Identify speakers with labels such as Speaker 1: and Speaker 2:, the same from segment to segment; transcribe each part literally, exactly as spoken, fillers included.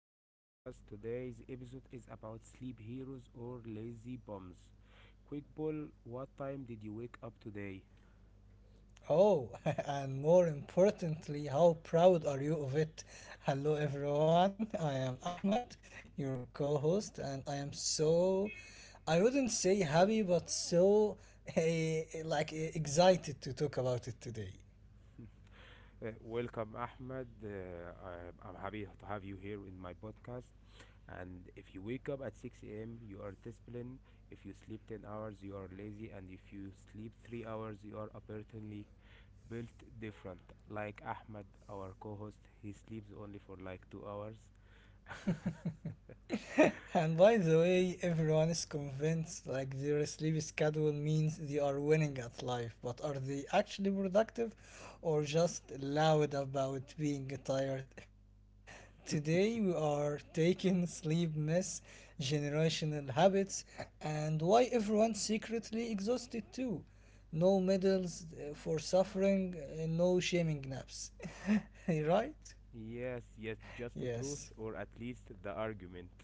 Speaker 1: new podcast. Today's episode is about sleep heroes or lazy bums. Quick ball, what time did you wake up today?
Speaker 2: Oh, and more importantly, how proud are you of it? Hello, everyone. I am Ahmed, your co host, and I am so, I wouldn't say happy, but so eh, like eh, excited to talk about it today.
Speaker 1: Uh, welcome, Ahmed. Uh, I, I'm happy to have you here in my podcast. And if you wake up at six a m, you are disciplined. If you sleep ten hours, you are lazy. And if you sleep three hours, you are apparently built different. Like Ahmed, our co host, he sleeps only for like two hours.
Speaker 2: And by the way, everyone is convinced like their sleep schedule means they are winning at life, but are they actually productive or just loud about being tired? Today we are taking sleep myths, generational habits, and why everyone secretly exhausted too. No medals, uh, for suffering, uh, no shaming naps. Right?
Speaker 1: Yes, yes, just the truth,
Speaker 2: Yes,
Speaker 1: or at least the argument.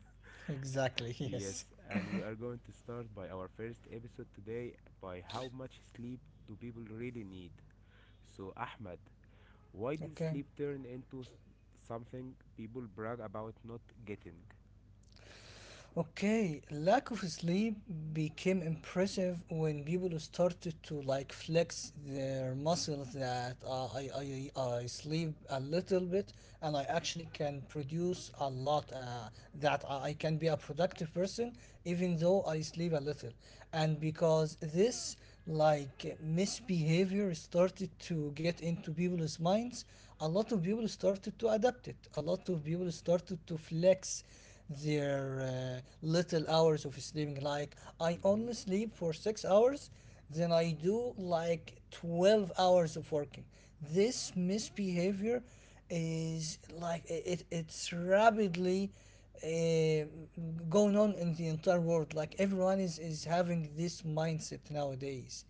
Speaker 2: exactly, yes.
Speaker 1: Yes, and we are going to start by our first episode today by how much sleep do people really need. So, Ahmed, why did
Speaker 2: Okay.
Speaker 1: sleep turn into s- something people brag about not getting?
Speaker 2: Okay, lack of sleep became impressive when people started to like flex their muscles that uh, I, I, I sleep a little bit and I actually can produce a lot, uh, that I I can be a productive person even though I sleep a little. And because this like misbehavior started to get into people's minds, a lot of people started to adapt it, a lot of people started to flex their uh, little hours of sleeping. Like, I
Speaker 1: Hmm.
Speaker 2: only sleep for six hours, then I do like twelve hours of working. This misbehavior is like i- it, it's rapidly uh, going on in the entire world. Like, everyone is, is having this mindset nowadays,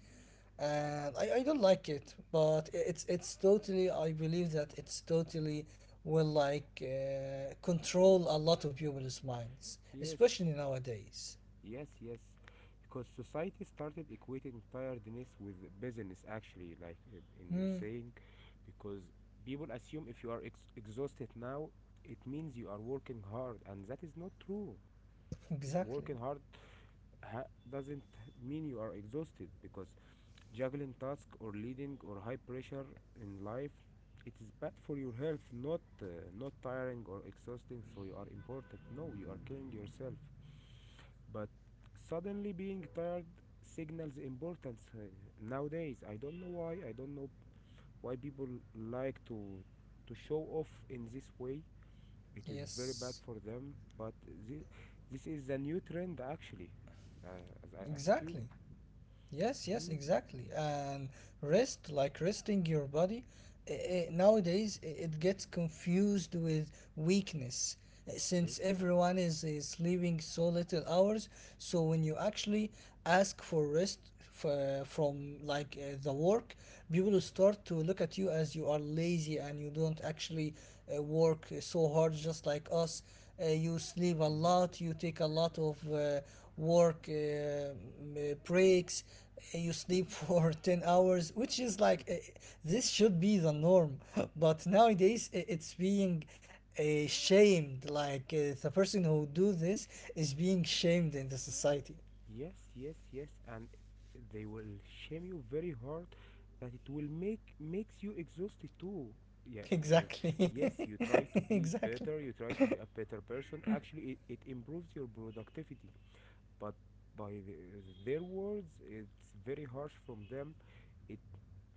Speaker 2: and I, I don't like it, but i- it's it's totally, I believe that it's totally will like uh, control a lot of people's minds,
Speaker 1: Yes.
Speaker 2: especially nowadays.
Speaker 1: Yes, yes. Because society started equating tiredness with business, actually, like uh, in you
Speaker 2: Mm.
Speaker 1: saying, because people assume if you are ex- exhausted now, it means you are working hard, and that is not true. I-
Speaker 2: Exactly.
Speaker 1: Working hard ha- doesn't mean you are exhausted, because juggling tasks or leading or high pressure in life, it is bad for your health. Not uh, not tiring or exhausting, so you are important. No, you are killing yourself, but suddenly being tired signals importance, uh, nowadays. I don't know why. I don't know why people like to to show off in this way. It is very bad
Speaker 2: Yes.
Speaker 1: for them, but this, this is a new trend, actually, uh, as I
Speaker 2: Exactly.
Speaker 1: assume.
Speaker 2: Yes, yes,
Speaker 1: Hmm.
Speaker 2: exactly. And rest, like resting your body, eh, eh, nowadays i- it gets confused with weakness, eh,
Speaker 1: Yes.
Speaker 2: since everyone is, is sleeping so little hours. So when you actually ask for rest, f- eh, from, like, uh, the work, people start to look at you as you are lazy and you don't actually uh, work so hard just like us. Uh, you sleep a
Speaker 1: Hmm.
Speaker 2: lot, you take a lot of uh, work uh, m- uh, breaks, uh, you sleep for ten hours, which is like uh, this should be the norm, but nowadays i- it's being uh, shamed, like uh, the person who do this is being shamed in the society.
Speaker 1: Yes, yes, yes, and they will shame you very hard that it will make makes you exhausted too. Yeah, you,
Speaker 2: Exactly.
Speaker 1: yes, you try to be
Speaker 2: Exactly.
Speaker 1: better, you try to be a better person. Actually, it, it improves your productivity, but by the, their words, it's very harsh from them. It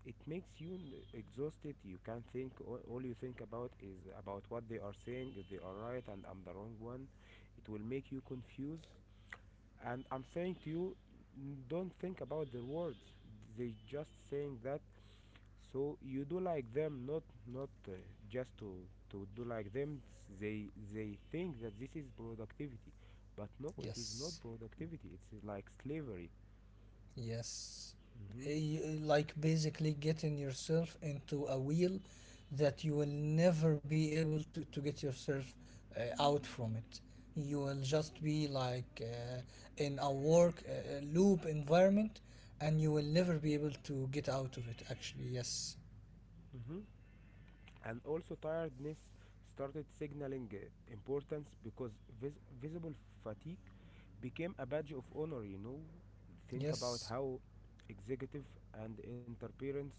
Speaker 1: it makes you n- exhausted. You can't think. All, all you think about is about what they are saying, if they are right and I'm the wrong one. It will make you confused, and I'm saying to you, n- don't think about their words. They just saying that so you do like them, not not uh, just to to do like them. S- they they think that this is productivity, but no, it is not
Speaker 2: Yes.
Speaker 1: productivity. It's, uh, like, slavery.
Speaker 2: Yes. Eh,
Speaker 1: Mm-hmm.
Speaker 2: You- eh, like basically getting yourself into a wheel that you will never be able to, to get yourself uh, out from it. You will just be like uh, in a work uh, loop environment, and you will never be able to get out of it, actually. Yes.
Speaker 1: Mm-hmm. And also tiredness started signaling, uh, importance, because vis- visible fatigue became a badge of honor, you know. Think about
Speaker 2: Yes.
Speaker 1: how executive and interference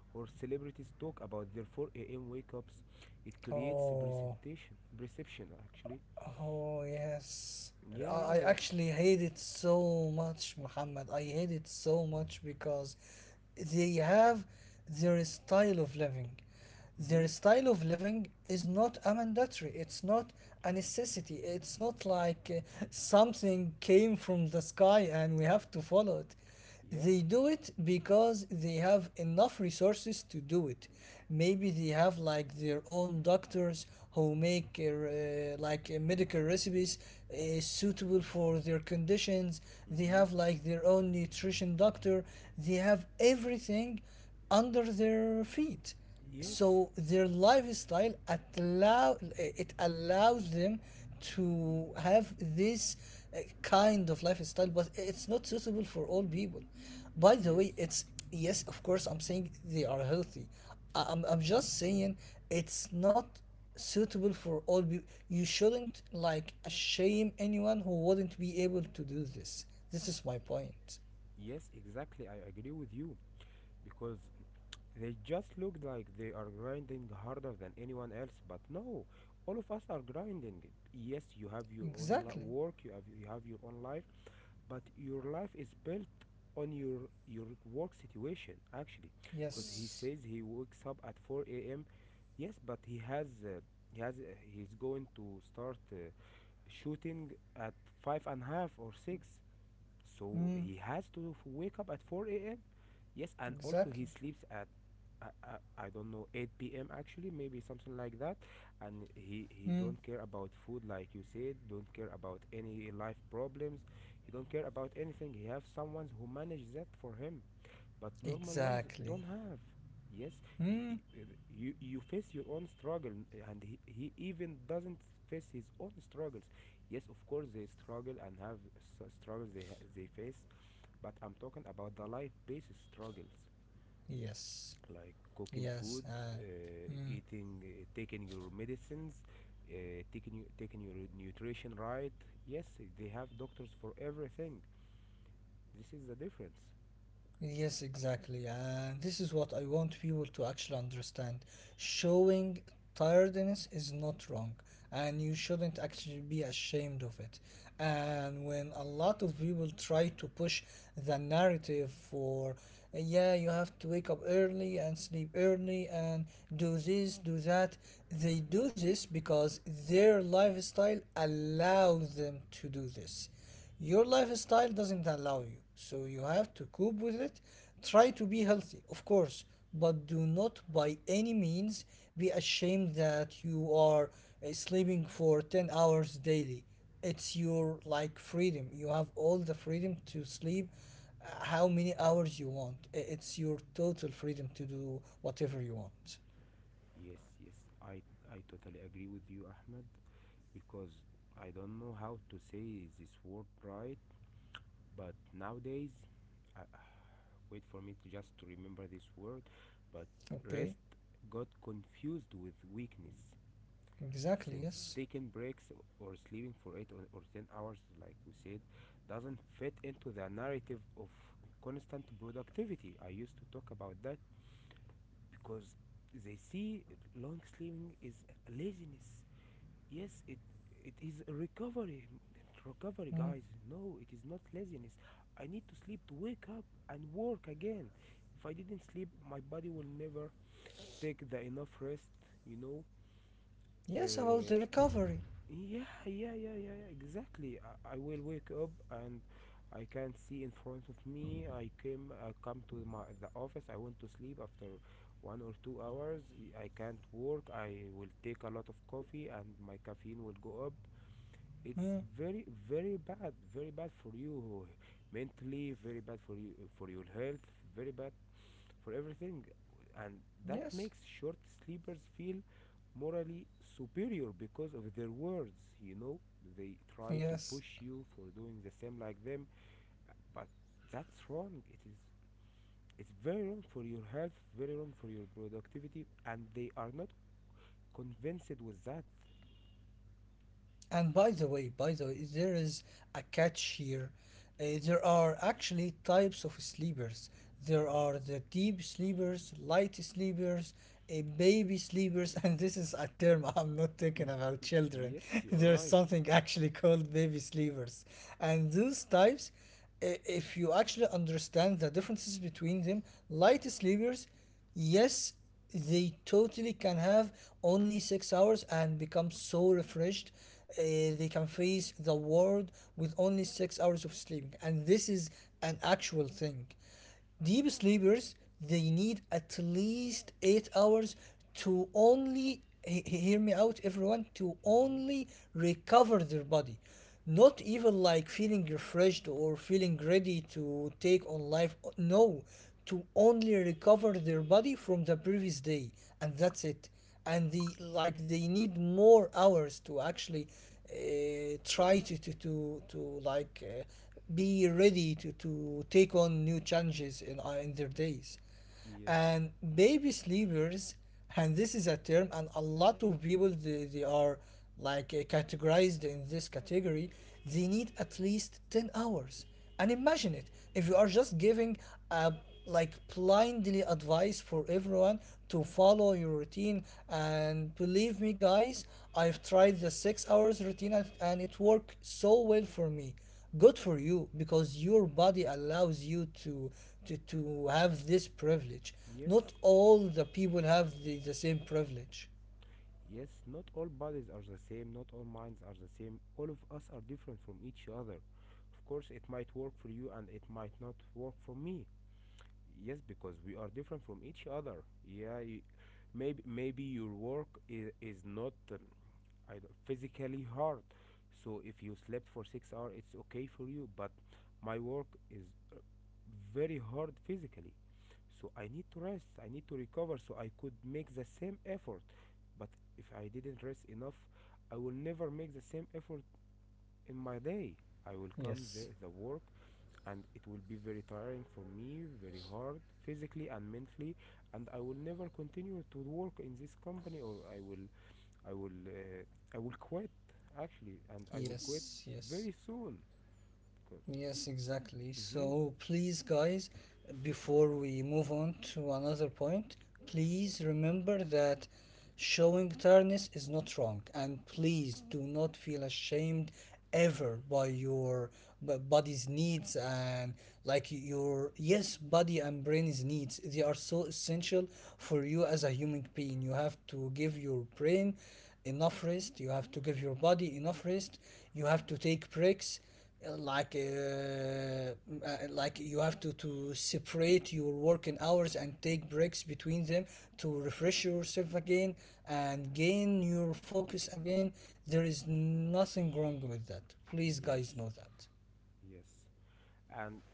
Speaker 1: or celebrities talk about their four a.m wake-ups. It creates
Speaker 2: Oh.
Speaker 1: precipitation perception, actually.
Speaker 2: Oh, yes.
Speaker 1: Yeah,
Speaker 2: I I
Speaker 1: yeah.
Speaker 2: actually hate it so much, Muhammad. I hate it so much because they have their style of living.
Speaker 1: Mm-hmm.
Speaker 2: Their style of living is not a mandatory. It's not a necessity. It's not like uh, something came from the sky, and we have to follow it.
Speaker 1: Yeah.
Speaker 2: They do it because they have enough resources to do it. Maybe they have like their own doctors who make uh, like uh, medical recipes uh, suitable for their conditions. They
Speaker 1: Mm-hmm.
Speaker 2: have like their own nutrition doctor. They have everything under their feet,
Speaker 1: Yes,
Speaker 2: so their lifestyle allow it allows them to have this uh, kind of lifestyle, but it's not suitable for all people, by the
Speaker 1: yes,
Speaker 2: way. It's, yes, of course I'm saying they are healthy. I- i'm, I'm just saying it's not suitable for all people. You shouldn't like shame anyone who wouldn't be able to do this. This is my point.
Speaker 1: yes, exactly, I agree with you, because they just look like they are grinding harder than anyone else, but no, all of us are grinding. Yes, you have your own li-
Speaker 2: Exactly.
Speaker 1: work, you have you have your own life, but your life is built on your your work situation, actually, because he
Speaker 2: Yes.
Speaker 1: says he wakes up at four a m. Yes, but he has uh, he has, uh, he's going to start, uh, shooting at five and a half or six, so
Speaker 2: Mm.
Speaker 1: he has to f- wake up at four a m. Yes, and also he
Speaker 2: Exactly.
Speaker 1: sleeps at, I, I, I don't know, eight p m, actually, maybe something like that. And he
Speaker 2: Mm.
Speaker 1: he don't care about food, like you said, don't care about any life problems. He don't care about anything. He have someone who manage that for him, but normal ones
Speaker 2: Exactly.
Speaker 1: don't have. Yes. you
Speaker 2: Hmm.
Speaker 1: you, you face your own struggle, and he, he even doesn't face his own struggles. Yes, of course they struggle and have s- struggles they, ha- they face, but I'm talking about the life based struggles,
Speaker 2: Yes.
Speaker 1: like cooking
Speaker 2: Yes.
Speaker 1: food,
Speaker 2: Uh,
Speaker 1: uh,
Speaker 2: hmm.
Speaker 1: eating, uh, taking your medicines, uh, taking you, taking your nutrition right. Yes, they have doctors for everything. This is the difference.
Speaker 2: Yes, exactly. And this is what I want people to actually understand. Showing tiredness is not wrong, and you shouldn't actually be ashamed of it. And when a lot of people try to push the narrative for, yeah, you have to wake up early and sleep early and do this, do that, they do this because their lifestyle allows them to do this. Your lifestyle doesn't allow you, so you have to cope with it. Try to be healthy, of course, but do not by any means be ashamed that you are uh, sleeping for ten hours daily. It's your like freedom. You have all the freedom to sleep uh, how many hours you want. I- It's your total freedom to do whatever you want.
Speaker 1: Yes, yes, I I totally agree with you, Ahmed, because I don't know how to say this word right, but nowadays, I, I- wait for me to just to remember this word, but
Speaker 2: Okay?
Speaker 1: rest got confused with weakness.
Speaker 2: Exactly,
Speaker 1: Since
Speaker 2: yes.
Speaker 1: taking breaks or sleeping for eight or or ten hours, like we said, doesn't fit into the narrative of constant productivity I used to talk about that, because they see long sleeping is laziness. Yes, it it is a recovery. Recovery,
Speaker 2: Mm.
Speaker 1: guys. No, it is not laziness. I need to sleep to wake up and work again. If I didn't sleep, my body will never take the enough rest, you know.
Speaker 2: Yes, about
Speaker 1: uh,
Speaker 2: the recovery.
Speaker 1: Yeah, yeah, yeah, yeah, yeah, exactly. I, I will wake up, and I can't see in front of me. I came, I come to my the office. I want to sleep after one or two hours. y- I can't work. I will take a lot of coffee, and my caffeine will go up. It's
Speaker 2: Mm.
Speaker 1: very, very bad, very bad for you mentally, very bad for you, for your health, very bad for everything. And that
Speaker 2: Yes.
Speaker 1: makes short sleepers feel morally superior because of their words. You know, they try to
Speaker 2: Yes.
Speaker 1: push you for doing the same like them, but that's wrong. It is, it's very wrong for your health, very wrong for your productivity, and they are not convinced with that.
Speaker 2: And by the way, by the way, there is a catch here. Uh, there are actually types of sleepers. There are the deep sleepers, light sleepers, uh, baby sleepers, and this is a term. I'm not talking
Speaker 1: Mm.
Speaker 2: about children.
Speaker 1: Yes, you are
Speaker 2: There's
Speaker 1: right.
Speaker 2: something actually called baby sleepers. And those types, i- if you actually understand the differences between them, light sleepers, yes, they totally can have only six hours and become so refreshed. Uh, they can face the world with only six hours of sleeping, and this is an actual thing. Deep sleepers, they need at least eight hours to only he- he- hear me out, everyone, to
Speaker 1: Hmm.
Speaker 2: only recover their body, not even like feeling refreshed or feeling ready to take on life, no, to only recover their body from the previous day, and that's it. And they, like, they need more hours to actually uh, try to to to, to like uh, be ready to to take on new challenges in uh, in their days.
Speaker 1: Yes,
Speaker 2: And baby sleepers, and this is a term, and a lot of people, they, they are like uh, categorized in this category. They need at least ten hours, and imagine it if you are just giving a like blindly advice for everyone to follow your routine. And believe me, guys, I've tried the six hours routine, and and it worked so well for me. Good for you, because your body allows you to to, to have this privilege.
Speaker 1: yes.
Speaker 2: Not all the people have the, the same privilege.
Speaker 1: Yes, not all bodies are the same, not all minds are the same. All of us are different from each other. Of course, it might work for you and it might not work for me. Yes, because we are different from each other. Yeah, you, maybe maybe your work is, is not, um, I don't, physically hard, so if you slept for six hours, it's okay for you, but my work is, uh, very hard physically, so I need to rest. I need to recover so I could make the same effort, but if I didn't rest enough, I will never make the same effort in my day. I will come the,
Speaker 2: Yes.
Speaker 1: the work, and it will be very tiring for me, very hard physically and mentally, and I will never continue to work in this company, or I will, I will, uh, I will quit, actually, and I will quit
Speaker 2: Yes, yes.
Speaker 1: very soon.
Speaker 2: Yes, exactly.
Speaker 1: Mm-hmm.
Speaker 2: So please, guys, before we move on to another point, please remember that showing tiredness is not wrong, and please do not feel ashamed ever by your b- body's needs, and, like, your, yes, body and brain's needs, they are so essential for you as a human being. You have to give your brain enough rest. You have to give your body enough rest. You have to take breaks, uh, like uh, m- uh, like you have to to separate your working hours and take breaks between them to refresh yourself again and gain your focus again. There is nothing wrong with that. Please, guys, know
Speaker 1: Yes,
Speaker 2: that.
Speaker 1: yes. And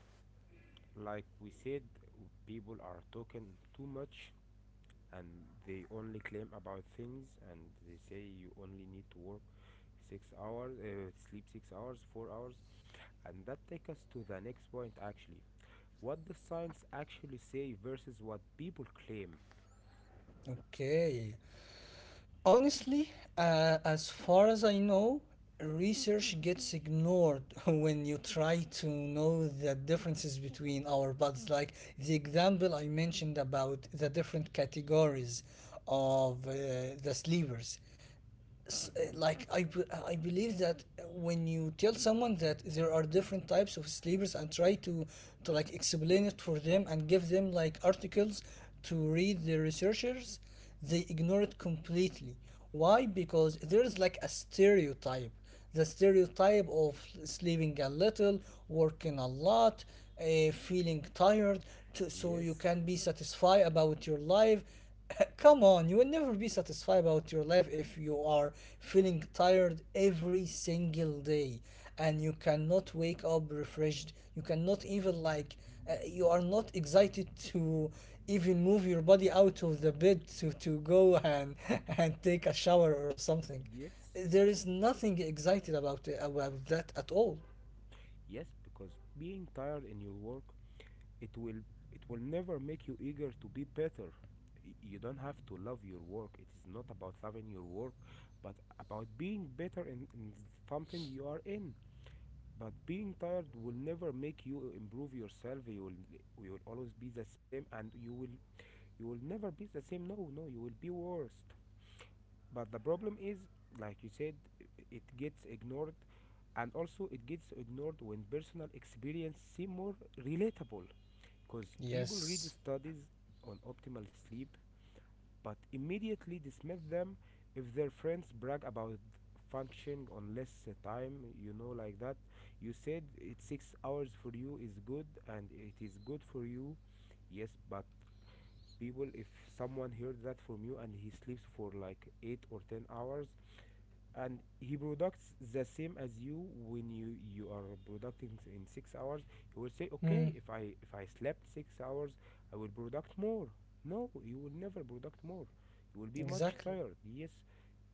Speaker 1: like we said, people are talking too much, and they only claim about things, and they say you only need to work six hours, uh, sleep six hours, four hours. And that takes us to the next point, actually: what the science actually say versus what people claim.
Speaker 2: Okay. Honestly, uh, as far as I know, research gets ignored when you try to know the differences between our bodies. Like the example I mentioned about the different categories of uh, the sleepers, s- uh,
Speaker 1: Mm-hmm.
Speaker 2: like I, b- I believe that when you tell someone that there are different types of sleepers and try to to like explain it for them and give them like articles to read the researchers, they ignore it completely. Why? Because there is like a stereotype. The stereotype of sleeping a little, working a lot, uh, feeling tired, to, so you
Speaker 1: Yes.
Speaker 2: can be satisfied about your life. Come on, you will never be satisfied about your life if you are feeling tired every single day and you cannot wake up refreshed. You cannot even, like, uh, you are not excited to even move your body out of the bed to, to go and, and take a shower or something.
Speaker 1: Yes,
Speaker 2: There is nothing excited about about that at all.
Speaker 1: yes, because being tired in your work, it will, it will never make you eager to be better. Y- you don't have to love your work. It is not about loving your work, but about being better in, in something you are in. But being tired will never make you improve yourself. You will, you will always be the same, and you will, you will never be the same. No, no, you will be worse. But the problem is, like you said, i- it gets ignored, and also it gets ignored when personal experience seem more relatable, because people read
Speaker 2: Yes.
Speaker 1: studies on optimal sleep but immediately dismiss them if their friends brag about functioning on less, uh, time, you know. Like that, you said it's six hours for you is good, and it is good for you. Yes, but people, if someone heard that from you and he sleeps for like eight or ten hours, and he products the same as you, when you you are producing s- in six hours, you will say, okay,
Speaker 2: Mm.
Speaker 1: if I, if I slept six hours, I will product more. No, you will never product more. You will be much
Speaker 2: Exactly.
Speaker 1: tired. Yes,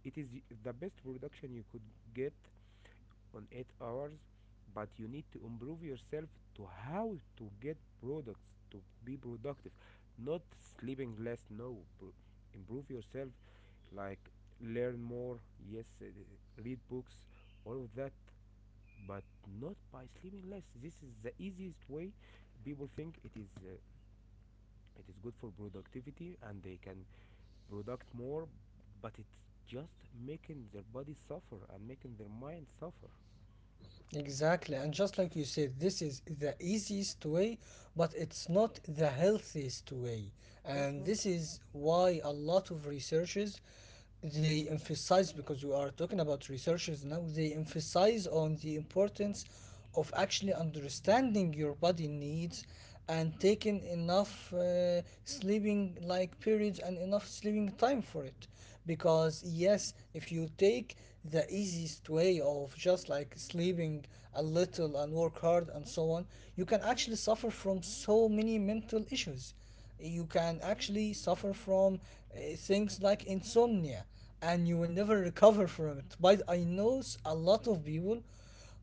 Speaker 1: it is, y- the best production you could get on eight hours, but you need to improve yourself to how to get products, to be productive, not sleeping less. No, improve yourself, like, learn more. Yes, uh, read books, all of that. But not by sleeping less. This is the easiest way. People think it is, uh, it is good for productivity, and they can product more, but it's just making their body suffer and making their mind suffer.
Speaker 2: Exactly. And just like you said, this is the easiest way, but it's not the healthiest way.
Speaker 1: Of course
Speaker 2: And
Speaker 1: not.
Speaker 2: this is why a lot of researchers, they emphasize, because we are talking about researchers now, they emphasize on the importance of actually understanding your body needs and taking enough uh, sleeping, like, periods and enough sleeping time for it, because, yes, if you take the easiest way of just like sleeping a little and work hard and so on, you can actually suffer from so many mental issues. You can actually suffer from uh, things like insomnia, and you will never recover from it. But I know s- a lot of people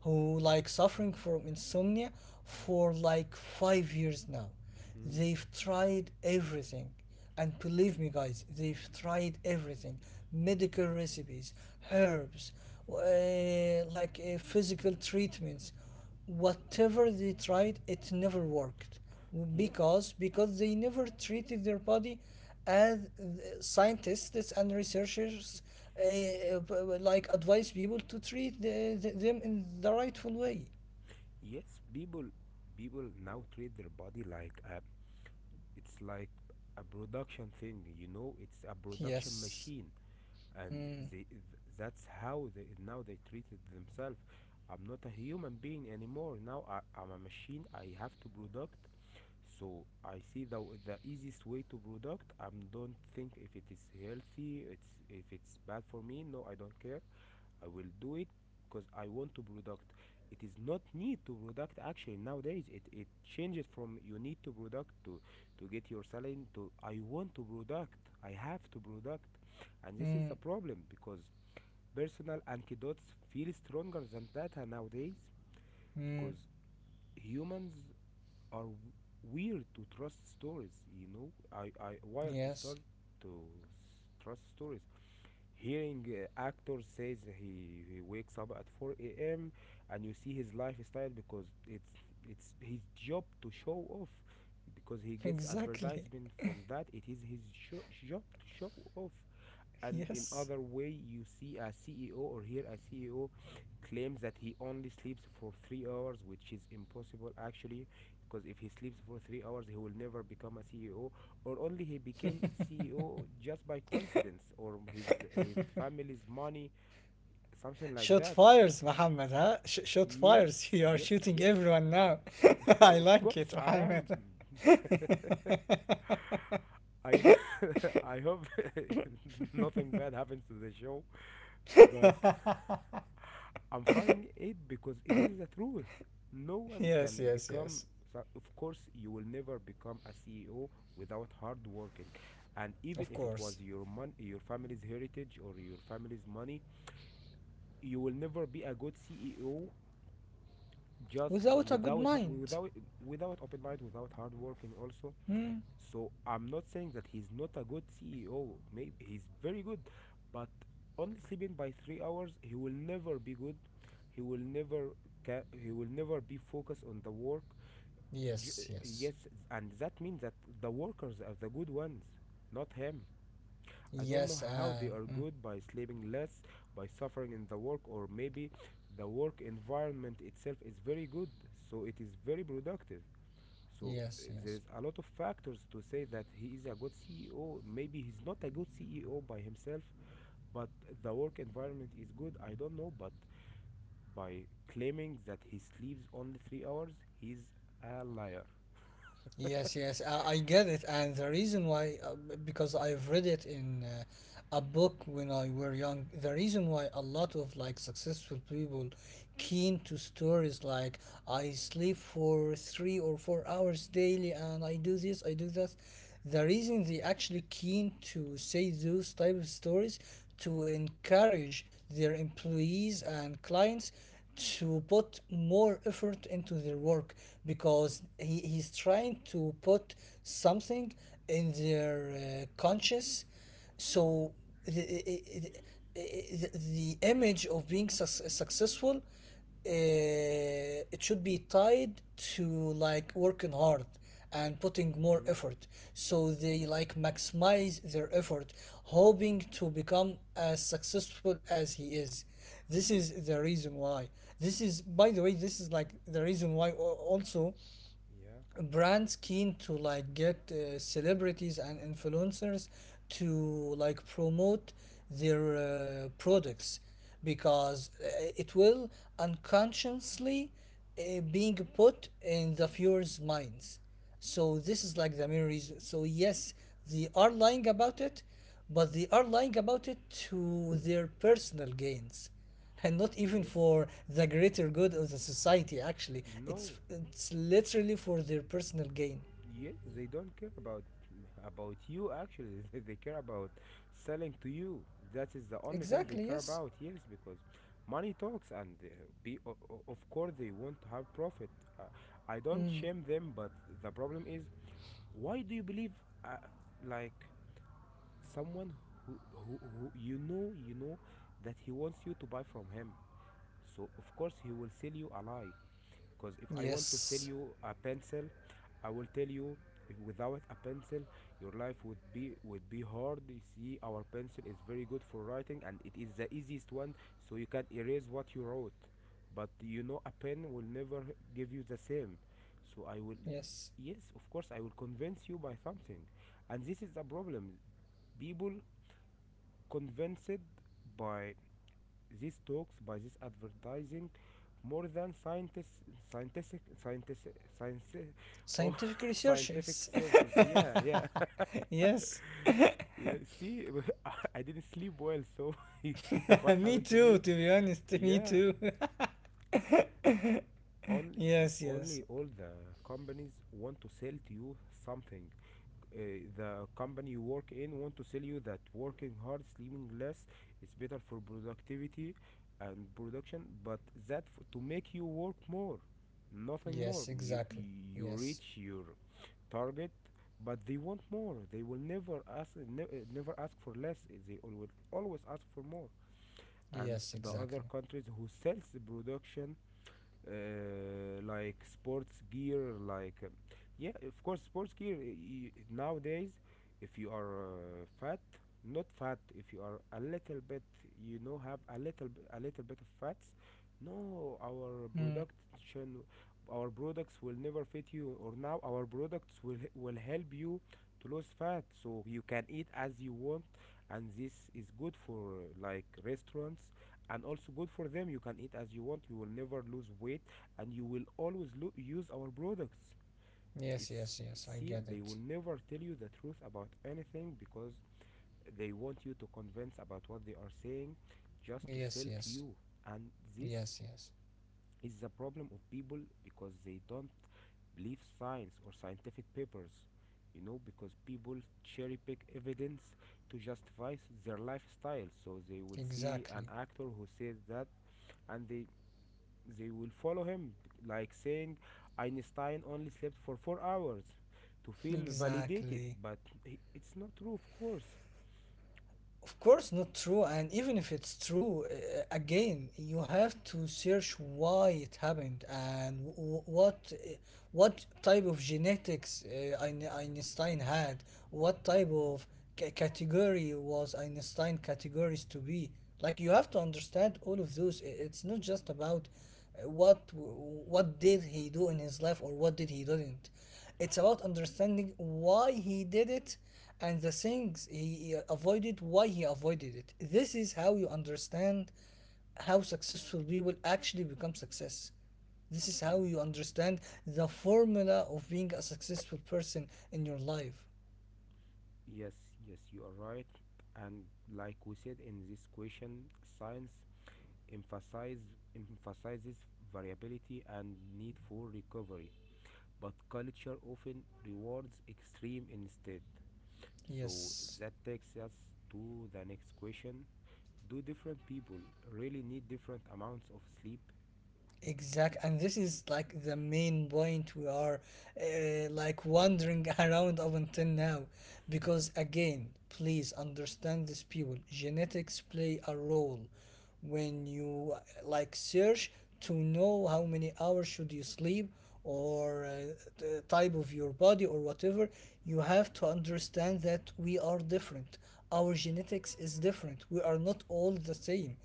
Speaker 2: who like suffering from insomnia for like five years now.
Speaker 1: Mm.
Speaker 2: They've tried everything. And believe me, guys, they've tried everything: medical recipes, herbs, uh, like uh, physical treatments. Whatever they tried, it never worked,
Speaker 1: Yes,
Speaker 2: because because they never treated their body as scientists and researchers uh, uh, like advise people to treat the, the- them in the rightful way.
Speaker 1: yes. People, people now treat their body like a, it's like a production thing. You know, it's a production
Speaker 2: Yes.
Speaker 1: machine, and
Speaker 2: Mm.
Speaker 1: they, th- that's how they now they treated themselves. I'm not a human being anymore. Now I, I'm a machine. I have to product. So I see the the easiest way to product. I don't think if it is healthy. It's if it's bad for me. No, I don't care. I will do it because I want to product. It is not need to product, actually, nowadays. It it changes from you need to product to to get your salary, to I want to product. I have to product, and this is the
Speaker 2: Mm.
Speaker 1: problem because personal anecdotes feel stronger than data nowadays because
Speaker 2: Mm.
Speaker 1: humans are weird to trust stories you know i i wired to start
Speaker 2: Yes.
Speaker 1: to s- trust stories. Hearing uh, actor says he, he wakes up at four a m, and you see his lifestyle because it's it's his job to show off, because he gets
Speaker 2: Exactly.
Speaker 1: advertisement from that. It is his sho- job to show off. And in other
Speaker 2: Yes.
Speaker 1: way, you see a CEO or hear a CEO claims that he only sleeps for three hours, which is impossible actually, because if he sleeps for three hours, he will never become a CEO, or only he became CEO just by coincidence, or his his family's money, something like
Speaker 2: Shot
Speaker 1: that.
Speaker 2: fires, Muhammad, huh? Sh- shot fires.
Speaker 1: yes
Speaker 2: You are
Speaker 1: yes
Speaker 2: shooting
Speaker 1: yes
Speaker 2: everyone now. I
Speaker 1: Of
Speaker 2: like
Speaker 1: course
Speaker 2: it,
Speaker 1: I am.
Speaker 2: Muhammad.
Speaker 1: I I hope nothing bad happens to the show, but I'm finding it because it is the truth. No one
Speaker 2: Yes,
Speaker 1: can
Speaker 2: yes,
Speaker 1: become,
Speaker 2: yes.
Speaker 1: so- of course, you will never become a C E O without hard working. And even
Speaker 2: Of
Speaker 1: if it
Speaker 2: course.
Speaker 1: was your mon- your family's heritage or your family's money, you will never be a good C E O just l-
Speaker 2: Without a good
Speaker 1: without
Speaker 2: mind.
Speaker 1: without without open mind, without hard working also.
Speaker 2: Hmm?
Speaker 1: So I'm not saying that he's not a good C E O. Maybe he's very good, but only sleeping by three hours, he will never be good. He will never ca- he will never be focused on the work. J-
Speaker 2: Yes, yes.
Speaker 1: yes, and that means that the workers are the good ones, not him. I don't know
Speaker 2: Yes,
Speaker 1: how they
Speaker 2: ah.
Speaker 1: are
Speaker 2: Hmm.
Speaker 1: good by sleeping less, by suffering in the work, or maybe the work environment itself is very good, so it is very productive. So uh,
Speaker 2: Yes,
Speaker 1: there
Speaker 2: yes.
Speaker 1: is a lot of factors to say that he is a good C E O. Maybe he's not a good C E O by himself, but the work environment is good. I don't know, but by claiming that he sleeps only three hours, he's a liar.
Speaker 2: Yes, yes, I, I get it, and the reason why, uh, b- because I've read it in uh, a book when I were young. The reason why a lot of like successful people keen to stories like I sleep for three or four hours daily, and I do this, I do that. The reason they actually keen to say those type of stories to encourage their employees and clients to put more effort into their work, because he, he's trying to put something in their uh, conscious, so the, the, the image of being suc successful uh, it should be tied to like working hard and putting more
Speaker 1: Mm-hmm.
Speaker 2: effort so they like maximize their effort, hoping to become as successful as he is. This is the reason why. This is, by the way, this is like the reason why al- also
Speaker 1: Yeah.
Speaker 2: brands keen to like get uh, celebrities and influencers to like promote their uh, products, because uh, it will unconsciously uh, being put in the viewers' minds. So this is like the main reason. So yes, they are lying about it, but they are lying about it to their personal gains and not even
Speaker 1: Yes.
Speaker 2: for the greater good of the society. Actually, it's
Speaker 1: No.
Speaker 2: it's literally for their personal gain.
Speaker 1: Yes, they don't care about about you actually. They care about selling to you. That is the only thing they
Speaker 2: Exactly.
Speaker 1: care
Speaker 2: Yes,
Speaker 1: about. Yes, because money talks, and uh, be o- o- of course they want to have profit. Uh, I don't shame them, but the problem is, why do you believe uh, like someone who, who who you know you know that he wants you to buy from him? So of course he will sell you a lie. Because if I want to sell
Speaker 2: yes,
Speaker 1: you a pencil, I will tell you if without a pencil, your life would be would be hard. You see, our pencil is very good for writing, and it is the easiest one so you can erase what you wrote. But you know a pen will never give you the same. So I will
Speaker 2: yes.
Speaker 1: Yes, of course I will convince you by something. And this is the problem. People convinced by these talks, by this advertising more than scientists, scientific, scientific, scientific, oh,
Speaker 2: Scientific
Speaker 1: scientific
Speaker 2: researches.
Speaker 1: searches. Yeah, yeah,
Speaker 2: Yes.
Speaker 1: yeah. See, I I didn't sleep well, so you see what
Speaker 2: Me
Speaker 1: happened to
Speaker 2: too,
Speaker 1: me.
Speaker 2: to be honest, me
Speaker 1: Yeah,
Speaker 2: too.
Speaker 1: only, th-
Speaker 2: Yes, yes,
Speaker 1: only all the companies want to sell to you something. Uh, the company you work in want to sell you that working hard, sleeping less is better for productivity and production, but that f- to make you work more, nothing more.
Speaker 2: yes.
Speaker 1: you,
Speaker 2: Exactly.
Speaker 1: you
Speaker 2: Yes,
Speaker 1: reach your target, but they want more. They will never ask ne- uh, never ask for less. Uh, they will always ask for more. And
Speaker 2: yes.
Speaker 1: the other
Speaker 2: Exactly.
Speaker 1: countries who sells the production, uh, like sports gear, like um, yeah, of course, sports gear. Uh, y- nowadays, if you are uh, fat, not fat, if you are a little bit, you know, have a little b- a little bit of fats, no,
Speaker 2: Hmm.
Speaker 1: our production, our products will never fit you, or now our products will h- will help you to lose fat so you can eat as you want, and this is good for uh, like restaurants, and also good for them. You can eat as you want, you will never lose weight, and you will always use our products.
Speaker 2: Yes,
Speaker 1: It's
Speaker 2: yes, yes, I
Speaker 1: See,
Speaker 2: get
Speaker 1: they
Speaker 2: it.
Speaker 1: will never tell you the truth about anything, because they want you to convince about what they are saying, just to sell
Speaker 2: Yes,
Speaker 1: to
Speaker 2: yes,
Speaker 1: you. And this
Speaker 2: yes, yes.
Speaker 1: is the problem of people, because they don't believe science or scientific papers, you know, because people cherry pick evidence to justify their lifestyle. So they will see an
Speaker 2: Exactly.
Speaker 1: actor who says that, and they they will follow him, like saying Einstein only slept for four hours to feel validated,
Speaker 2: Exactly.
Speaker 1: but i- it's not true, of course.
Speaker 2: Of course, not true. And even if it's true, uh, again, you have to search why it happened and w- w- what uh, what type of genetics uh, Ein- Einstein had, what type of ca- category was Einstein categories to be. Like you have to understand all of those. I- It's not just about uh, what w- what did he do in his life or what did he didn't. It's about understanding why he did it and the things he uh, avoided, why he avoided it. This is how you understand how successful we will actually become success. This is how
Speaker 1: Ye-
Speaker 2: you understand the formula of being a successful person in your life.
Speaker 1: Yes, yes, you are right. And like we said in this question, science emphasize, emphasizes variability and need for recovery, but culture often rewards extreme instead. So
Speaker 2: Yes.
Speaker 1: that takes us to the next question. Do different people really need different amounts of sleep?
Speaker 2: Exact, and this is like the main point we are uh, like wandering around up until now, because again, please understand this, people. Genetics play a role. When you uh, like search to know how many hours should you sleep or uh, the type of your body or whatever, you have to understand that we are different. Our genetics is different. We are not all the same.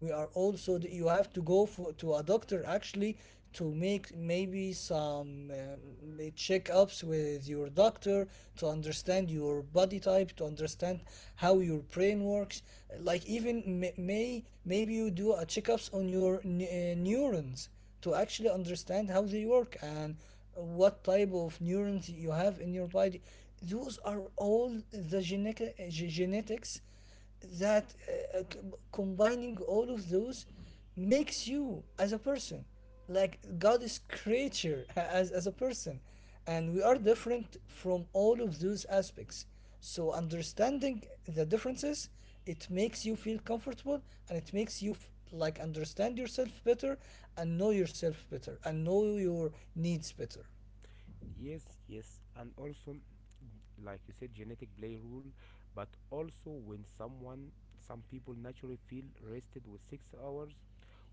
Speaker 2: We are also that
Speaker 1: Yes,
Speaker 2: you have to go for to a doctor actually to make maybe some um, checkups with your doctor, to understand your body type, to understand how your brain works, like even may maybe you do a checkups on your n- uh, neurons to actually understand how they work and what type of neurons you have in your body. Those are all the genetic, genetics that uh, uh, c- combining all of those makes you as a person, like god is creature as, as a person, and we are different from all of those aspects. So understanding the differences, it makes you feel comfortable and it makes you f- like understand yourself better and know yourself better and know your needs better.
Speaker 1: yes, yes. And also, like you said, genetic play rule, but also when someone, some people naturally feel rested with six hours,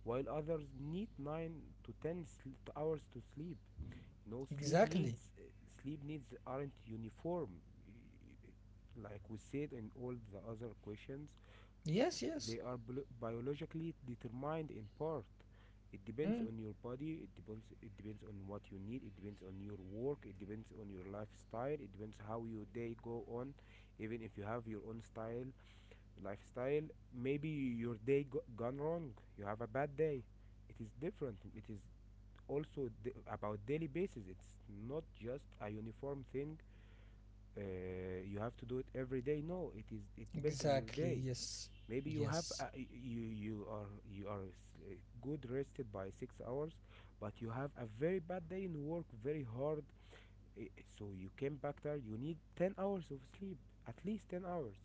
Speaker 1: while others need nine to ten sl- hours to sleep. No, sleep
Speaker 2: Exactly.
Speaker 1: needs, uh, sleep needs aren't uniform, uh, like we said in all the other questions.
Speaker 2: Yes,
Speaker 1: They
Speaker 2: yes.
Speaker 1: are blo- biologically determined in part. It depends
Speaker 2: Hmm.
Speaker 1: on your body, it depends it depends on what you need, it depends on your work, it depends on your lifestyle, it depends how your day go on. Even if you have your own style, lifestyle, maybe your day go- gone wrong, you have a bad day. It is different. It is also d- about daily basis. It's not just a uniform thing. Uh, you have to do it every day. No, it is. It depends on your
Speaker 2: Exactly.
Speaker 1: day.
Speaker 2: Yes,
Speaker 1: Maybe you have
Speaker 2: yes.
Speaker 1: a, you you are you are s- uh, good rested by six hours, but you have a very bad day in work, very hard. Eh, so you came back there, you need ten hours of sleep, at least ten hours,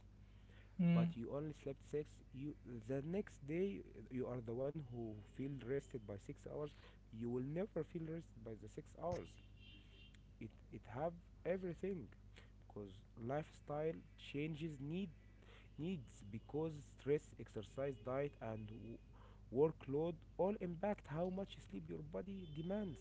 Speaker 2: Hmm.
Speaker 1: but you only slept six. You The next day, uh, you are the one who feel rested by six hours, you will never feel rested by the six hours. It it have everything, because lifestyle changes need needs, because stress, exercise, diet, and w- workload all impact how much sleep your body demands.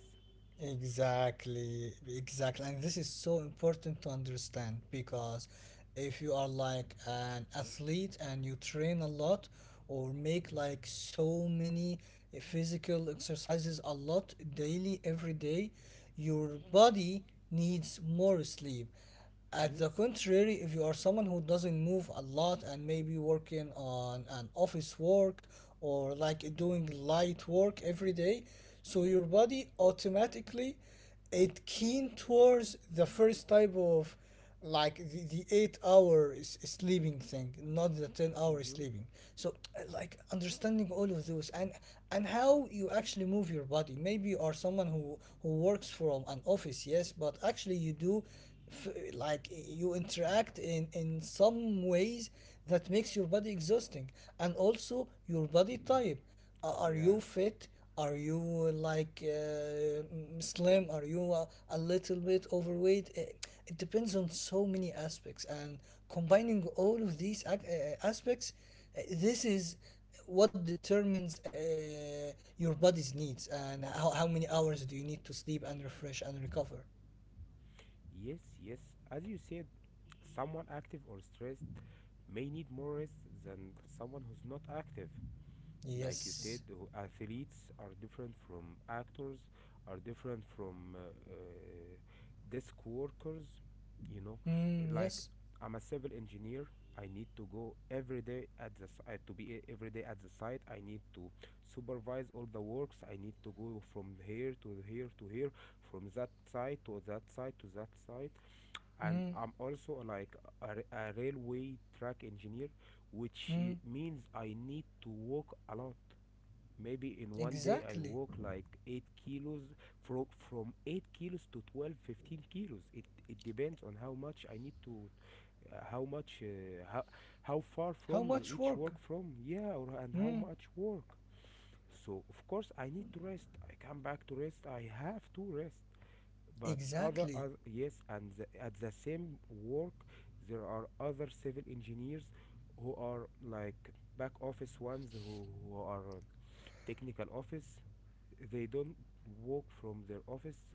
Speaker 2: Exactly, exactly. And this is so important to understand, because if you are like an athlete and you train a lot or make like so many physical exercises a lot daily, every day, your body needs more sleep. At the
Speaker 1: Yes.
Speaker 2: contrary, if you are someone who doesn't move a lot and maybe working on an office work or like doing light work every day, so your body automatically it keen towards the first type of, like, the, the eight hour s- sleeping thing, not the ten hour
Speaker 1: Mm-hmm.
Speaker 2: sleeping. So uh, like understanding all of those, and and how you actually move your body. Maybe you are someone who who works from an office, yes, but actually you do f- like you interact in in some ways that makes your body exhausting. And also your body type. a- Are you
Speaker 1: Yeah.
Speaker 2: fit? Are you uh, like uh, mm, slim? Are you uh, a little bit overweight? Eh, It depends on so many aspects, and combining all of these ac- eh, aspects, eh, this is what determines uh, your body's needs, and how, how many hours do you need to sleep and refresh and recover.
Speaker 1: Yes, yes. As you said, someone active or stressed may need more rest than someone who's not active. Like you
Speaker 2: Yes.
Speaker 1: said, who- athletes are different from actors, are different from uh, uh, desk workers, you know.
Speaker 2: Mm,
Speaker 1: Like,
Speaker 2: yes.
Speaker 1: I'm a civil engineer. I need to go every day at the si- uh, to be e- every day at the site. I need to supervise all the works. I need to go from here to here to here, from that side to that side to that side. And
Speaker 2: Mm,
Speaker 1: I'm also like a, ra- a railway track engineer, which
Speaker 2: mm,
Speaker 1: i- means I need to walk a lot. Maybe in one day I
Speaker 2: exactly.
Speaker 1: walk like eight kilos, from from eight kilos to twelve fifteen kilos. It it depends on how much I need to, uh, how much, uh, how, how far
Speaker 2: How
Speaker 1: from
Speaker 2: much
Speaker 1: each work
Speaker 2: work?
Speaker 1: from, yeah, or and how
Speaker 2: Mm,
Speaker 1: much work. So of course I need to rest, I come back to rest, I have to rest. But other,
Speaker 2: exactly.
Speaker 1: other yes, and the, at the same work there are other civil engineers who are like back office ones, who, who are uh, technical office. They don't walk from their office,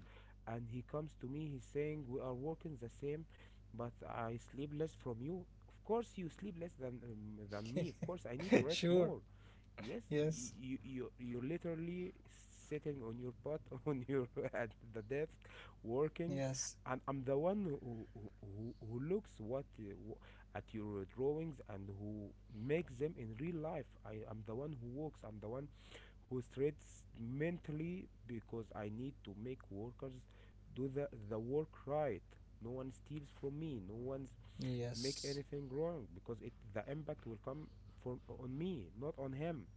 Speaker 1: and he comes to me, he's saying we are working the same, but I sleep less from you. Of course you sleep less than um, than me, of course I need to rest
Speaker 2: Sure.
Speaker 1: more. Yes,
Speaker 2: Yes,
Speaker 1: you you you're literally sitting on your butt on your, at the desk, working.
Speaker 2: yes,
Speaker 1: And I'm the one who who, who who looks what uh, wh- at your drawings and who makes them in real life. I am the one who walks, I'm the one who strains mentally, because I need to make workers do the, the work right. No one steals from me. No one's make
Speaker 2: yes.
Speaker 1: anything wrong, because it the impact will come from on me, not on him.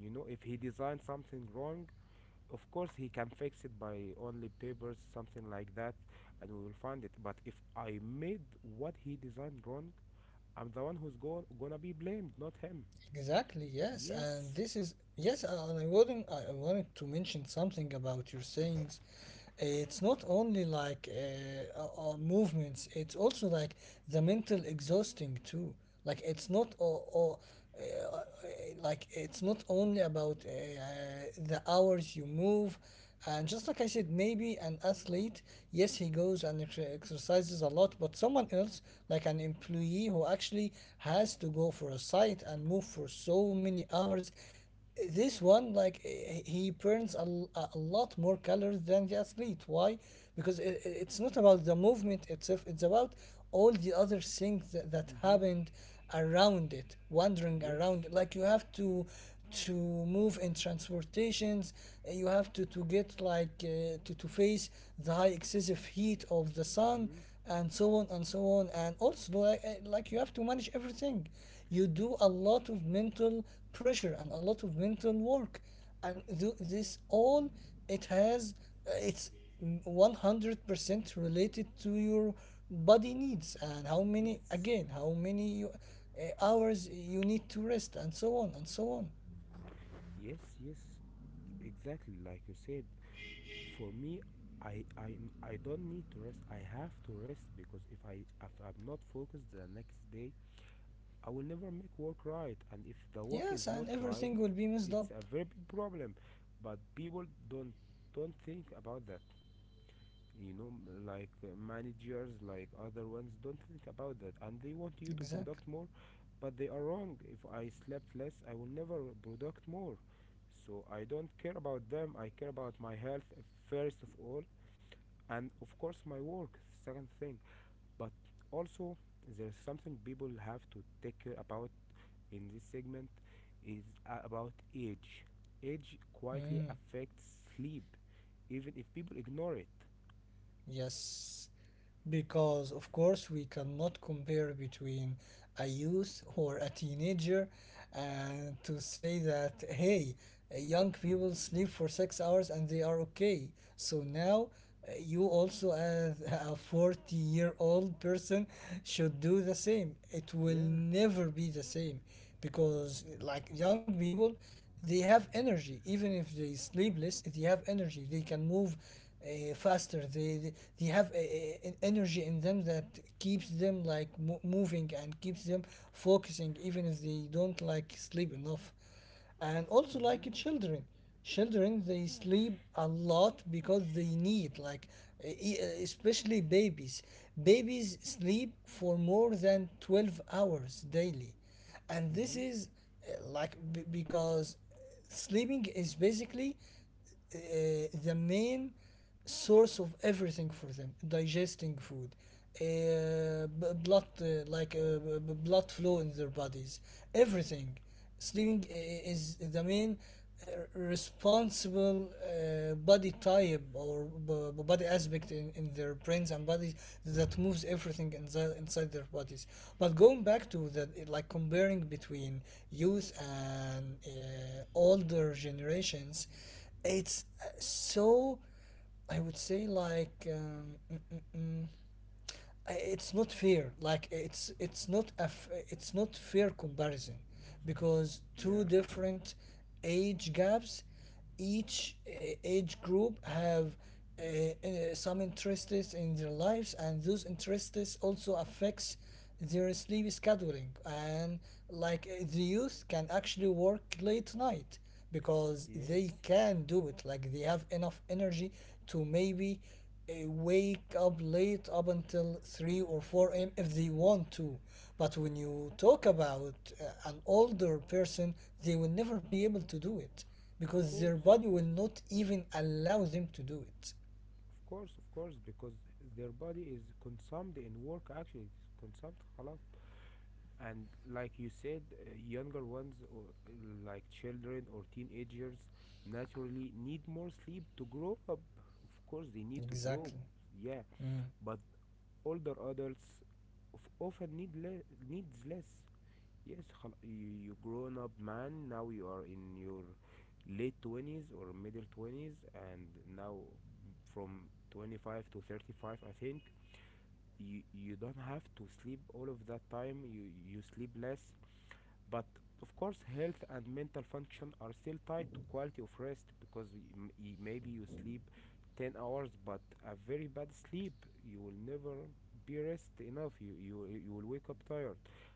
Speaker 1: You know, if he designs something wrong, of course he can fix it by only papers, something like that, and we will find it. But if I made what he designed wrong, I'm the one who's go- gonna be blamed, not him.
Speaker 2: Exactly, yes. And
Speaker 1: Yes.
Speaker 2: this is, yes, and I wouldn't I I wanted to mention something about your sayings. It's not only like uh, uh, uh, movements, it's also like the mental exhausting too. Like it's not or, or uh, uh, like it's not only about uh, uh, the hours you move. And just like I said, maybe an athlete, yes, he goes and ex- exercises a lot, but someone else, like an employee who actually has to go for a site and move for so many hours, this one, like, eh, he burns a, l- a a lot more calories than the athlete. Why? Because i- i- it's not about the movement itself, it's about all the other things that, that
Speaker 1: Mm-hmm.
Speaker 2: happened around it, wandering
Speaker 1: Yes.
Speaker 2: around it. Like you have to to move in transportations. Eh, you have to to get like uh, to to face the high excessive heat of the sun,
Speaker 1: Mm-hmm.
Speaker 2: and so on and so on. And also, like, eh, like you have to manage everything, you do a lot of mental pressure and a lot of mental work, and th- this all, it has uh, it's one hundred percent related to your body needs, and how many,
Speaker 1: Yes,
Speaker 2: again, how many you, eh, hours you need to rest, and so on and so on.
Speaker 1: yes, yes, exactly like you said. For me, I, I, I don't need to rest. I have to rest, because if I if I'm not focused the next day, I will never make work right. And if the work is
Speaker 2: Yes,
Speaker 1: not
Speaker 2: and
Speaker 1: right,
Speaker 2: everything will be messed
Speaker 1: it's a
Speaker 2: up.
Speaker 1: very big problem. But people don't don't think about that. You know m- like uh, managers like other ones don't think about that, and they want you to
Speaker 2: Exactly.
Speaker 1: product more. But they are wrong. If I slept less, I will never product more. So I don't care about them. I care about my health, uh, first of all, and of course my work, second thing. But also, there's something people have to take care about in this segment, is a- about age. Age quietly
Speaker 2: Mm.
Speaker 1: affects sleep even if people ignore it.
Speaker 2: Yes, because of course we cannot compare between a youth or a teenager and to say that, hey, young people sleep for six hours and they are okay. So now uh, you also as a forty year old person should do the same. It will
Speaker 1: Yeah.
Speaker 2: never be the same, because like young people, they have energy. Even if they sleep less, they have energy, they can move uh, faster. They they- have a, a- an energy in them that keeps them like mo- moving and keeps them focusing, even if they don't like sleep enough. And also,
Speaker 1: Hmm.
Speaker 2: like children, children, they sleep a lot because they need, like, e- e- uh, especially babies. Babies sleep for more than twelve hours daily, and this
Speaker 1: Mm-hmm.
Speaker 2: is uh, like b- because sleeping is basically uh, the main source of everything for them: digesting food, uh, b- blood, uh, like uh, b- b- blood flow in their bodies, everything. Sleeping i- i- is the main uh, responsible uh, body type or b- b- body aspect in, in their brains and bodies, that moves everything inside inside their bodies. But going back to that, like comparing between youth and uh, older generations, it's uh, so, I would say, like, um, I- it's not fair. Like, it's it's not a f- it's not fair comparison, because two
Speaker 1: Yeah.
Speaker 2: different age gaps, each uh, age group have uh, uh, some interests in their lives, and those interests also affects their sleep scheduling. And like, uh, the youth can actually work late night because
Speaker 1: Yes.
Speaker 2: they can do it, like they have enough energy to maybe uh, wake up late up until three or four a m if they want to. But when you talk about uh, an older person, they will never be able to do it,
Speaker 1: Of
Speaker 2: because their
Speaker 1: course.
Speaker 2: body will not even allow them to do it.
Speaker 1: Of course. Of course. Because their body is consumed in work. Actually, it's consumed. خلاص. And like you said, uh, younger ones, or uh, like children or teenagers, naturally need more sleep to grow up. Of course, they need to
Speaker 2: Exactly.
Speaker 1: grow. Yeah.
Speaker 2: Mm.
Speaker 1: But older adults of- often need le- needs less. Yes, خل- you you grown up man. Now you are in your late twenties or middle twenties, and now from twenty five to thirty five, I think you you don't have to sleep all of that time. You you sleep less, but of course health and mental function are still tied to quality of rest. Because y- m- y- maybe you sleep ten hours but a very bad sleep, you will never be rest enough. You you you will wake up tired.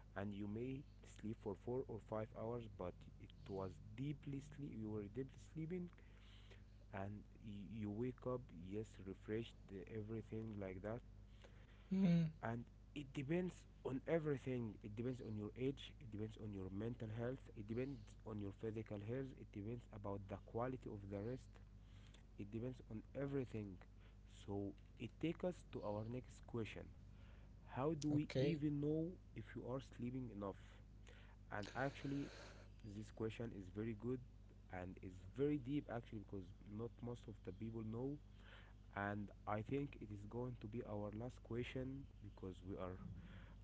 Speaker 1: And you may sleep for four or five hours, but it was deeply sleep, you were deeply sleeping, and y- you wake up, yes, refreshed, uh, everything like that.
Speaker 2: Mm.
Speaker 1: And it depends on everything. It depends on your age, it depends on your mental health, it depends on your physical health, it depends about the quality of the rest. It depends on everything. So it takes us to our next question. How do we
Speaker 2: Okay.
Speaker 1: even know if you are sleeping enough? And actually, this question is very good and is very deep, actually, because not most of the people know. And I think it is going to be our last question, because we are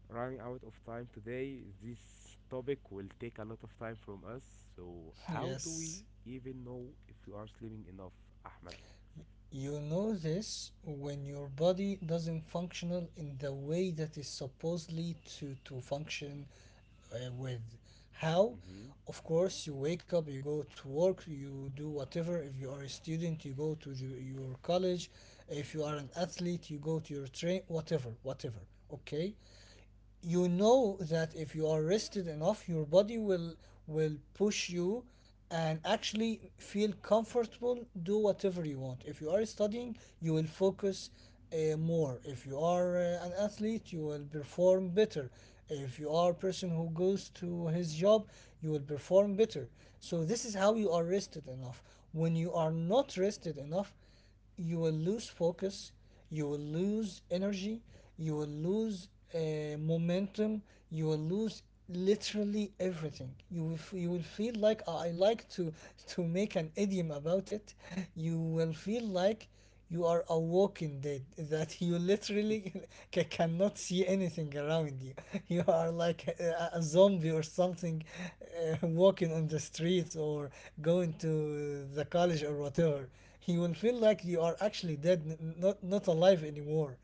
Speaker 1: running out of time today. This topic will take a lot of time from us. So, how do we
Speaker 2: Yes.
Speaker 1: even know if we are sleeping enough, Ahmed?
Speaker 2: You know this when your body doesn't functional in the way that is supposedly to to function, uh, with how,
Speaker 1: Mm-hmm.
Speaker 2: of course, you wake up, you go to work, you do whatever. If you are a student, you go to the, your college. If you are an athlete, you go to your train, whatever, whatever. Okay, you know that if you are rested enough, your body will will push you and actually feel comfortable, do whatever you want. If you are studying, you will focus uh, more. If you are uh, an athlete, you will perform better. If you are a person who goes to his job, you will perform better. So this is how you are rested enough. When you are not rested enough, you will lose focus, you will lose energy, you will lose uh, momentum, you will lose literally everything. You will f- you will feel like, I I like to to make an idiom about it. You will feel like you are awoken dead, that you literally ca- cannot see anything around you. You are like a, a zombie or something, uh, walking on the streets or going to the college or whatever. You will feel like you are actually dead, n- not not alive anymore.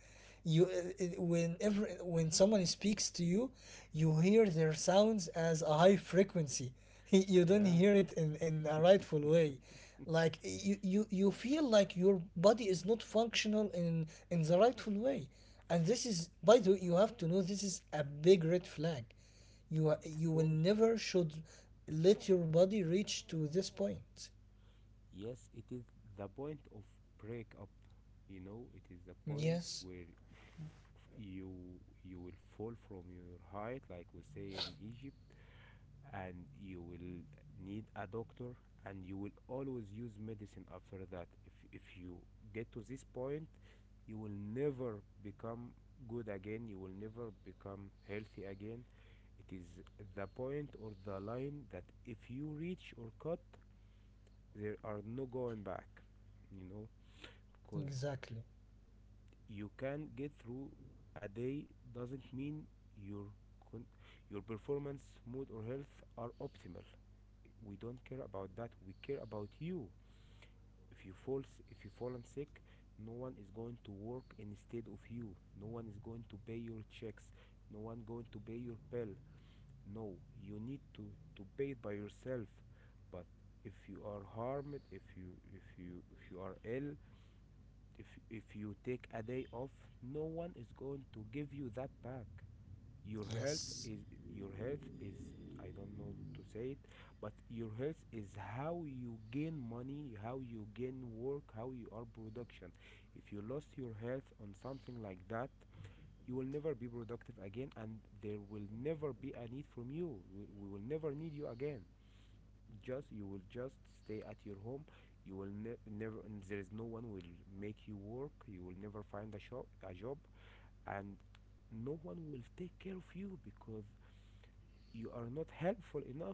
Speaker 2: You, uh, uh, whenever when someone speaks to you, you hear their sounds as a high frequency. You don't
Speaker 1: Yeah,
Speaker 2: hear it in, in a rightful way. Like you, you you feel like your body is not functional in in the rightful way. And this is, by the way, you have to know, this is a big red flag. you are-
Speaker 1: of
Speaker 2: you will
Speaker 1: course.
Speaker 2: never should let your body reach to this point.
Speaker 1: Yes, it is the point of breakup. You know, it is the point
Speaker 2: Yes.
Speaker 1: where you you will fall from your height, like we say in Egypt, and you will need a doctor, and you will always use medicine after that. If if you get to this point, you will never become good again, you will never become healthy again. It is the point or the line that if you reach or cut, there are no going back, you know. Because
Speaker 2: Exactly.
Speaker 1: you can get through a day doesn't mean your con- your performance, mood, or health are optimal. We don't care about that, we care about you. If you falls, if you fallen sick, no one is going to work instead of you, no one is going to pay your checks, no one going to pay your bill. No, you need to to pay it by yourself. But if you are harmed, if you if you if you are ill, if if you take a day off, no one is going to give you that back. your health
Speaker 2: Yes.
Speaker 1: is your health is I don't know to say it, but your health is how you gain money, how you gain work, how you are production. If you lost your health on something like that, you will never be productive again, and there will never be a need from you. We, we will never need you again. Just you will just stay at your home. You will ne- never. And there is no one will make you work. You will never find a shop, a job, and no one will take care of you because you are not helpful enough.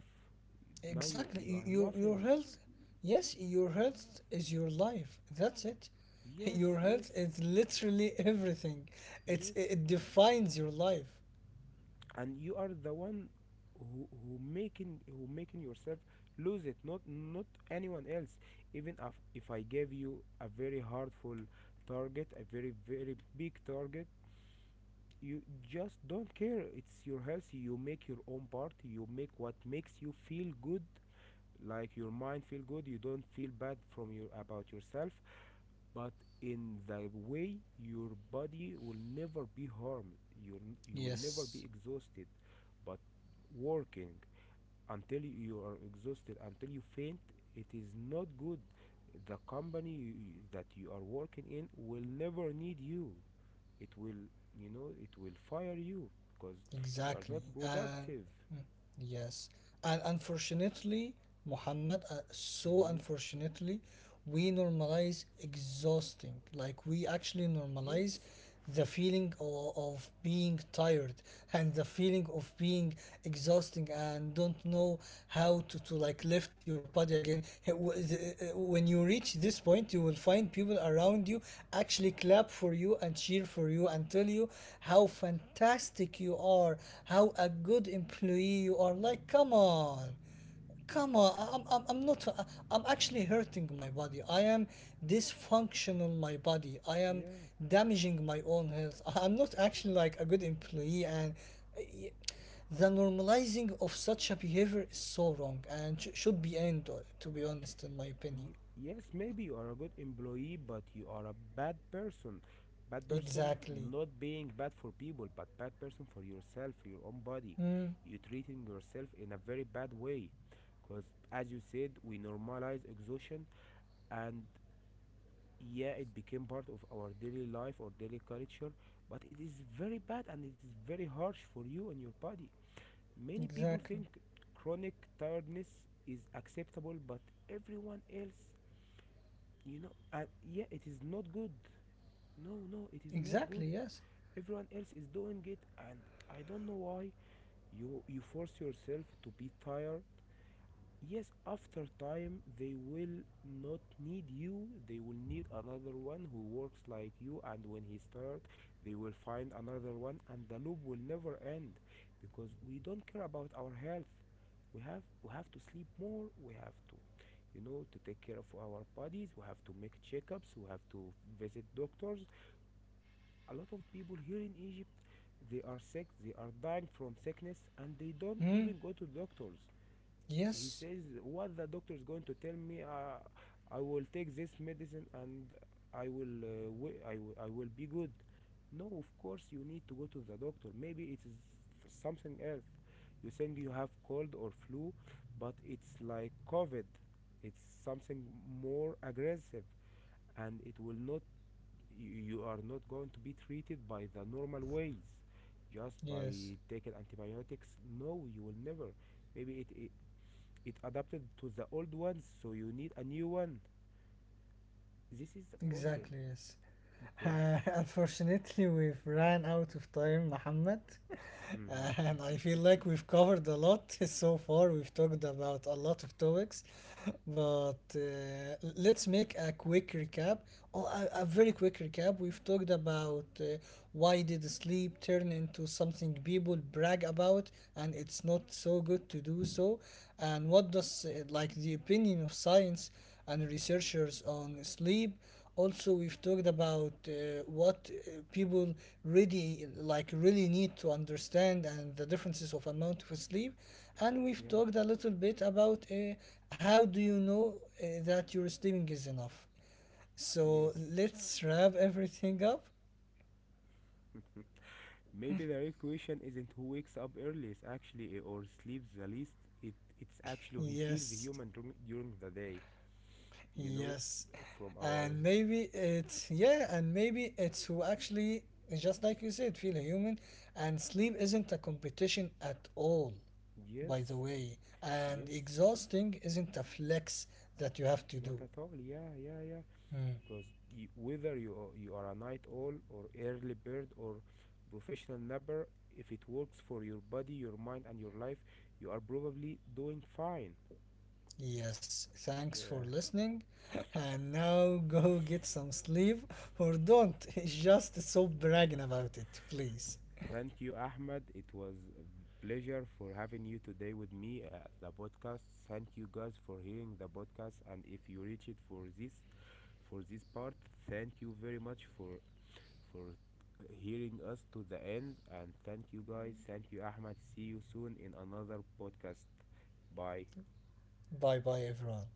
Speaker 1: Now you,
Speaker 2: Exactly.
Speaker 1: you are
Speaker 2: Y- Your your
Speaker 1: nothing.
Speaker 2: health, yes, your health is your life. That's it.
Speaker 1: Yes.
Speaker 2: Your
Speaker 1: yes
Speaker 2: health is literally everything. It's
Speaker 1: yes
Speaker 2: it it defines your life.
Speaker 1: And you are the one who, who making who making yourself lose it, not not anyone else. Even if, if I gave you a very hurtful target, a very very big target, you just don't care. It's your health. You make your own part. You make what makes you feel good, like your mind feel good. You don't feel bad from your about yourself. But in the way, your body will never be harmed. you you will never be
Speaker 2: Yes,
Speaker 1: exhausted. But working until you are exhausted, until you faint, it is not good. The company you- that you are working in will never need you. It will, you know, it will fire you because you are not
Speaker 2: exactly. And
Speaker 1: productive.
Speaker 2: yes, and unfortunately, Muhammad, uh, so
Speaker 1: Hmm.
Speaker 2: unfortunately, we normalize exhausting. Like we actually
Speaker 1: Yes.
Speaker 2: normalize the feeling of, of being tired, and the feeling of being exhausting, and don't know how to, to like lift your body again. H- w- th- uh, When you reach this point, you will find people around you actually clap for you and cheer for you and tell you how fantastic you are, how a good employee you are. Like, come on. Come on. I- I'm, I'm, I'm not, I- I'm actually hurting my body. I am dysfunctional, my body. I am
Speaker 1: Yeah.
Speaker 2: damaging my own health. I- I'm not actually like a good employee, and the normalizing of such a behavior is so wrong, and sh- should be end, uh, to be honest, in my opinion.
Speaker 1: Y- yes, maybe you are a good employee, but you are a bad person. Bad person,
Speaker 2: Exactly.
Speaker 1: not being bad for people, but bad person for yourself, your own body. You treating yourself in a very bad way, because as you said, we normalize exhaustion, and yeah, it became part of our daily life or daily culture. But it is very bad and it is very harsh for you and your body. Many people think
Speaker 2: Exactly.
Speaker 1: chronic tiredness is acceptable, but everyone else, you know and yeah, it is not good. No, no, it is not good.
Speaker 2: Exactly. Yes.
Speaker 1: Everyone else is doing it, and I don't know why you you force yourself to be tired. Yes, after time, they will not need you. They will need another one who works like you, and when he's tired, they will find another one, and the loop will never end because we don't care about our health. We have we have to sleep more. We have to, you know, to take care of our bodies. We have to make checkups. We have to visit doctors. A lot of people here in Egypt, they are sick. They are dying from sickness, and they don't
Speaker 2: Mm.
Speaker 1: even go to doctors. He
Speaker 2: Yes,
Speaker 1: says, what the doctor is going to tell me? uh, I will take this medicine and I will uh, wi- will be good. No, of course you need to go to the doctor. Maybe it is something else. You think you have cold or flu, but it's like covid. It's something more aggressive, and it will not, you, you are not going to be treated by the normal ways, just by
Speaker 2: yes.
Speaker 1: taking antibiotics. No, you will never. Maybe it, it it adapted to the old ones, so you need a new one. This is the problem.
Speaker 2: Exactly. Yes.
Speaker 1: Because
Speaker 2: Unfortunately we've ran out of time, Muhammad, and I feel like we've covered a lot so far. We've talked about a lot of topics, but uh, let's make a quick recap. Oh, a, a very quick recap. We've talked about uh, why did sleep turn into something people brag about, and it's not so good to do so, and what does uh, like the opinion of science and researchers on sleep. Also, we've talked about uh, what uh, people really, like, really need to understand, and the differences of amount of sleep. And we've
Speaker 1: yeah.
Speaker 2: talked a little bit about uh, how do you know uh, that your sleeping is enough. So
Speaker 1: Yes.
Speaker 2: let's wrap everything up.
Speaker 1: Maybe the real question isn't who wakes up earliest, actually, eh, or sleeps the least. It, it's actually who he feels
Speaker 2: Yes.
Speaker 1: human during, during the day, you know.
Speaker 2: Yes.
Speaker 1: From our,
Speaker 2: And maybe it's yeah and maybe it's who actually, just like you said, feel a human, and sleep isn't a competition at all, by the
Speaker 1: yes.
Speaker 2: way, and
Speaker 1: Yes,
Speaker 2: exhausting isn't a flex that you have to
Speaker 1: not
Speaker 2: do.
Speaker 1: at all. Yeah, yeah, yeah.
Speaker 2: Hmm.
Speaker 1: Because you, whether you are, you are a night owl or early bird or professional napper, if it works for your body, your mind, and your life, you are probably doing fine.
Speaker 2: Yes, thanks for
Speaker 1: Yeah.
Speaker 2: listening. And now go get some sleep. Or don't. Just stop bragging about it, please.
Speaker 1: Thank you, Ahmed. It was a pleasure for having you today with me at the podcast. Thank you guys for hearing the podcast, and if you reach it for this, for this part, thank you very much for for hearing us to the end. And thank you guys. Thank you, Ahmed. See you soon in another podcast. Bye.
Speaker 2: Bye bye, everyone.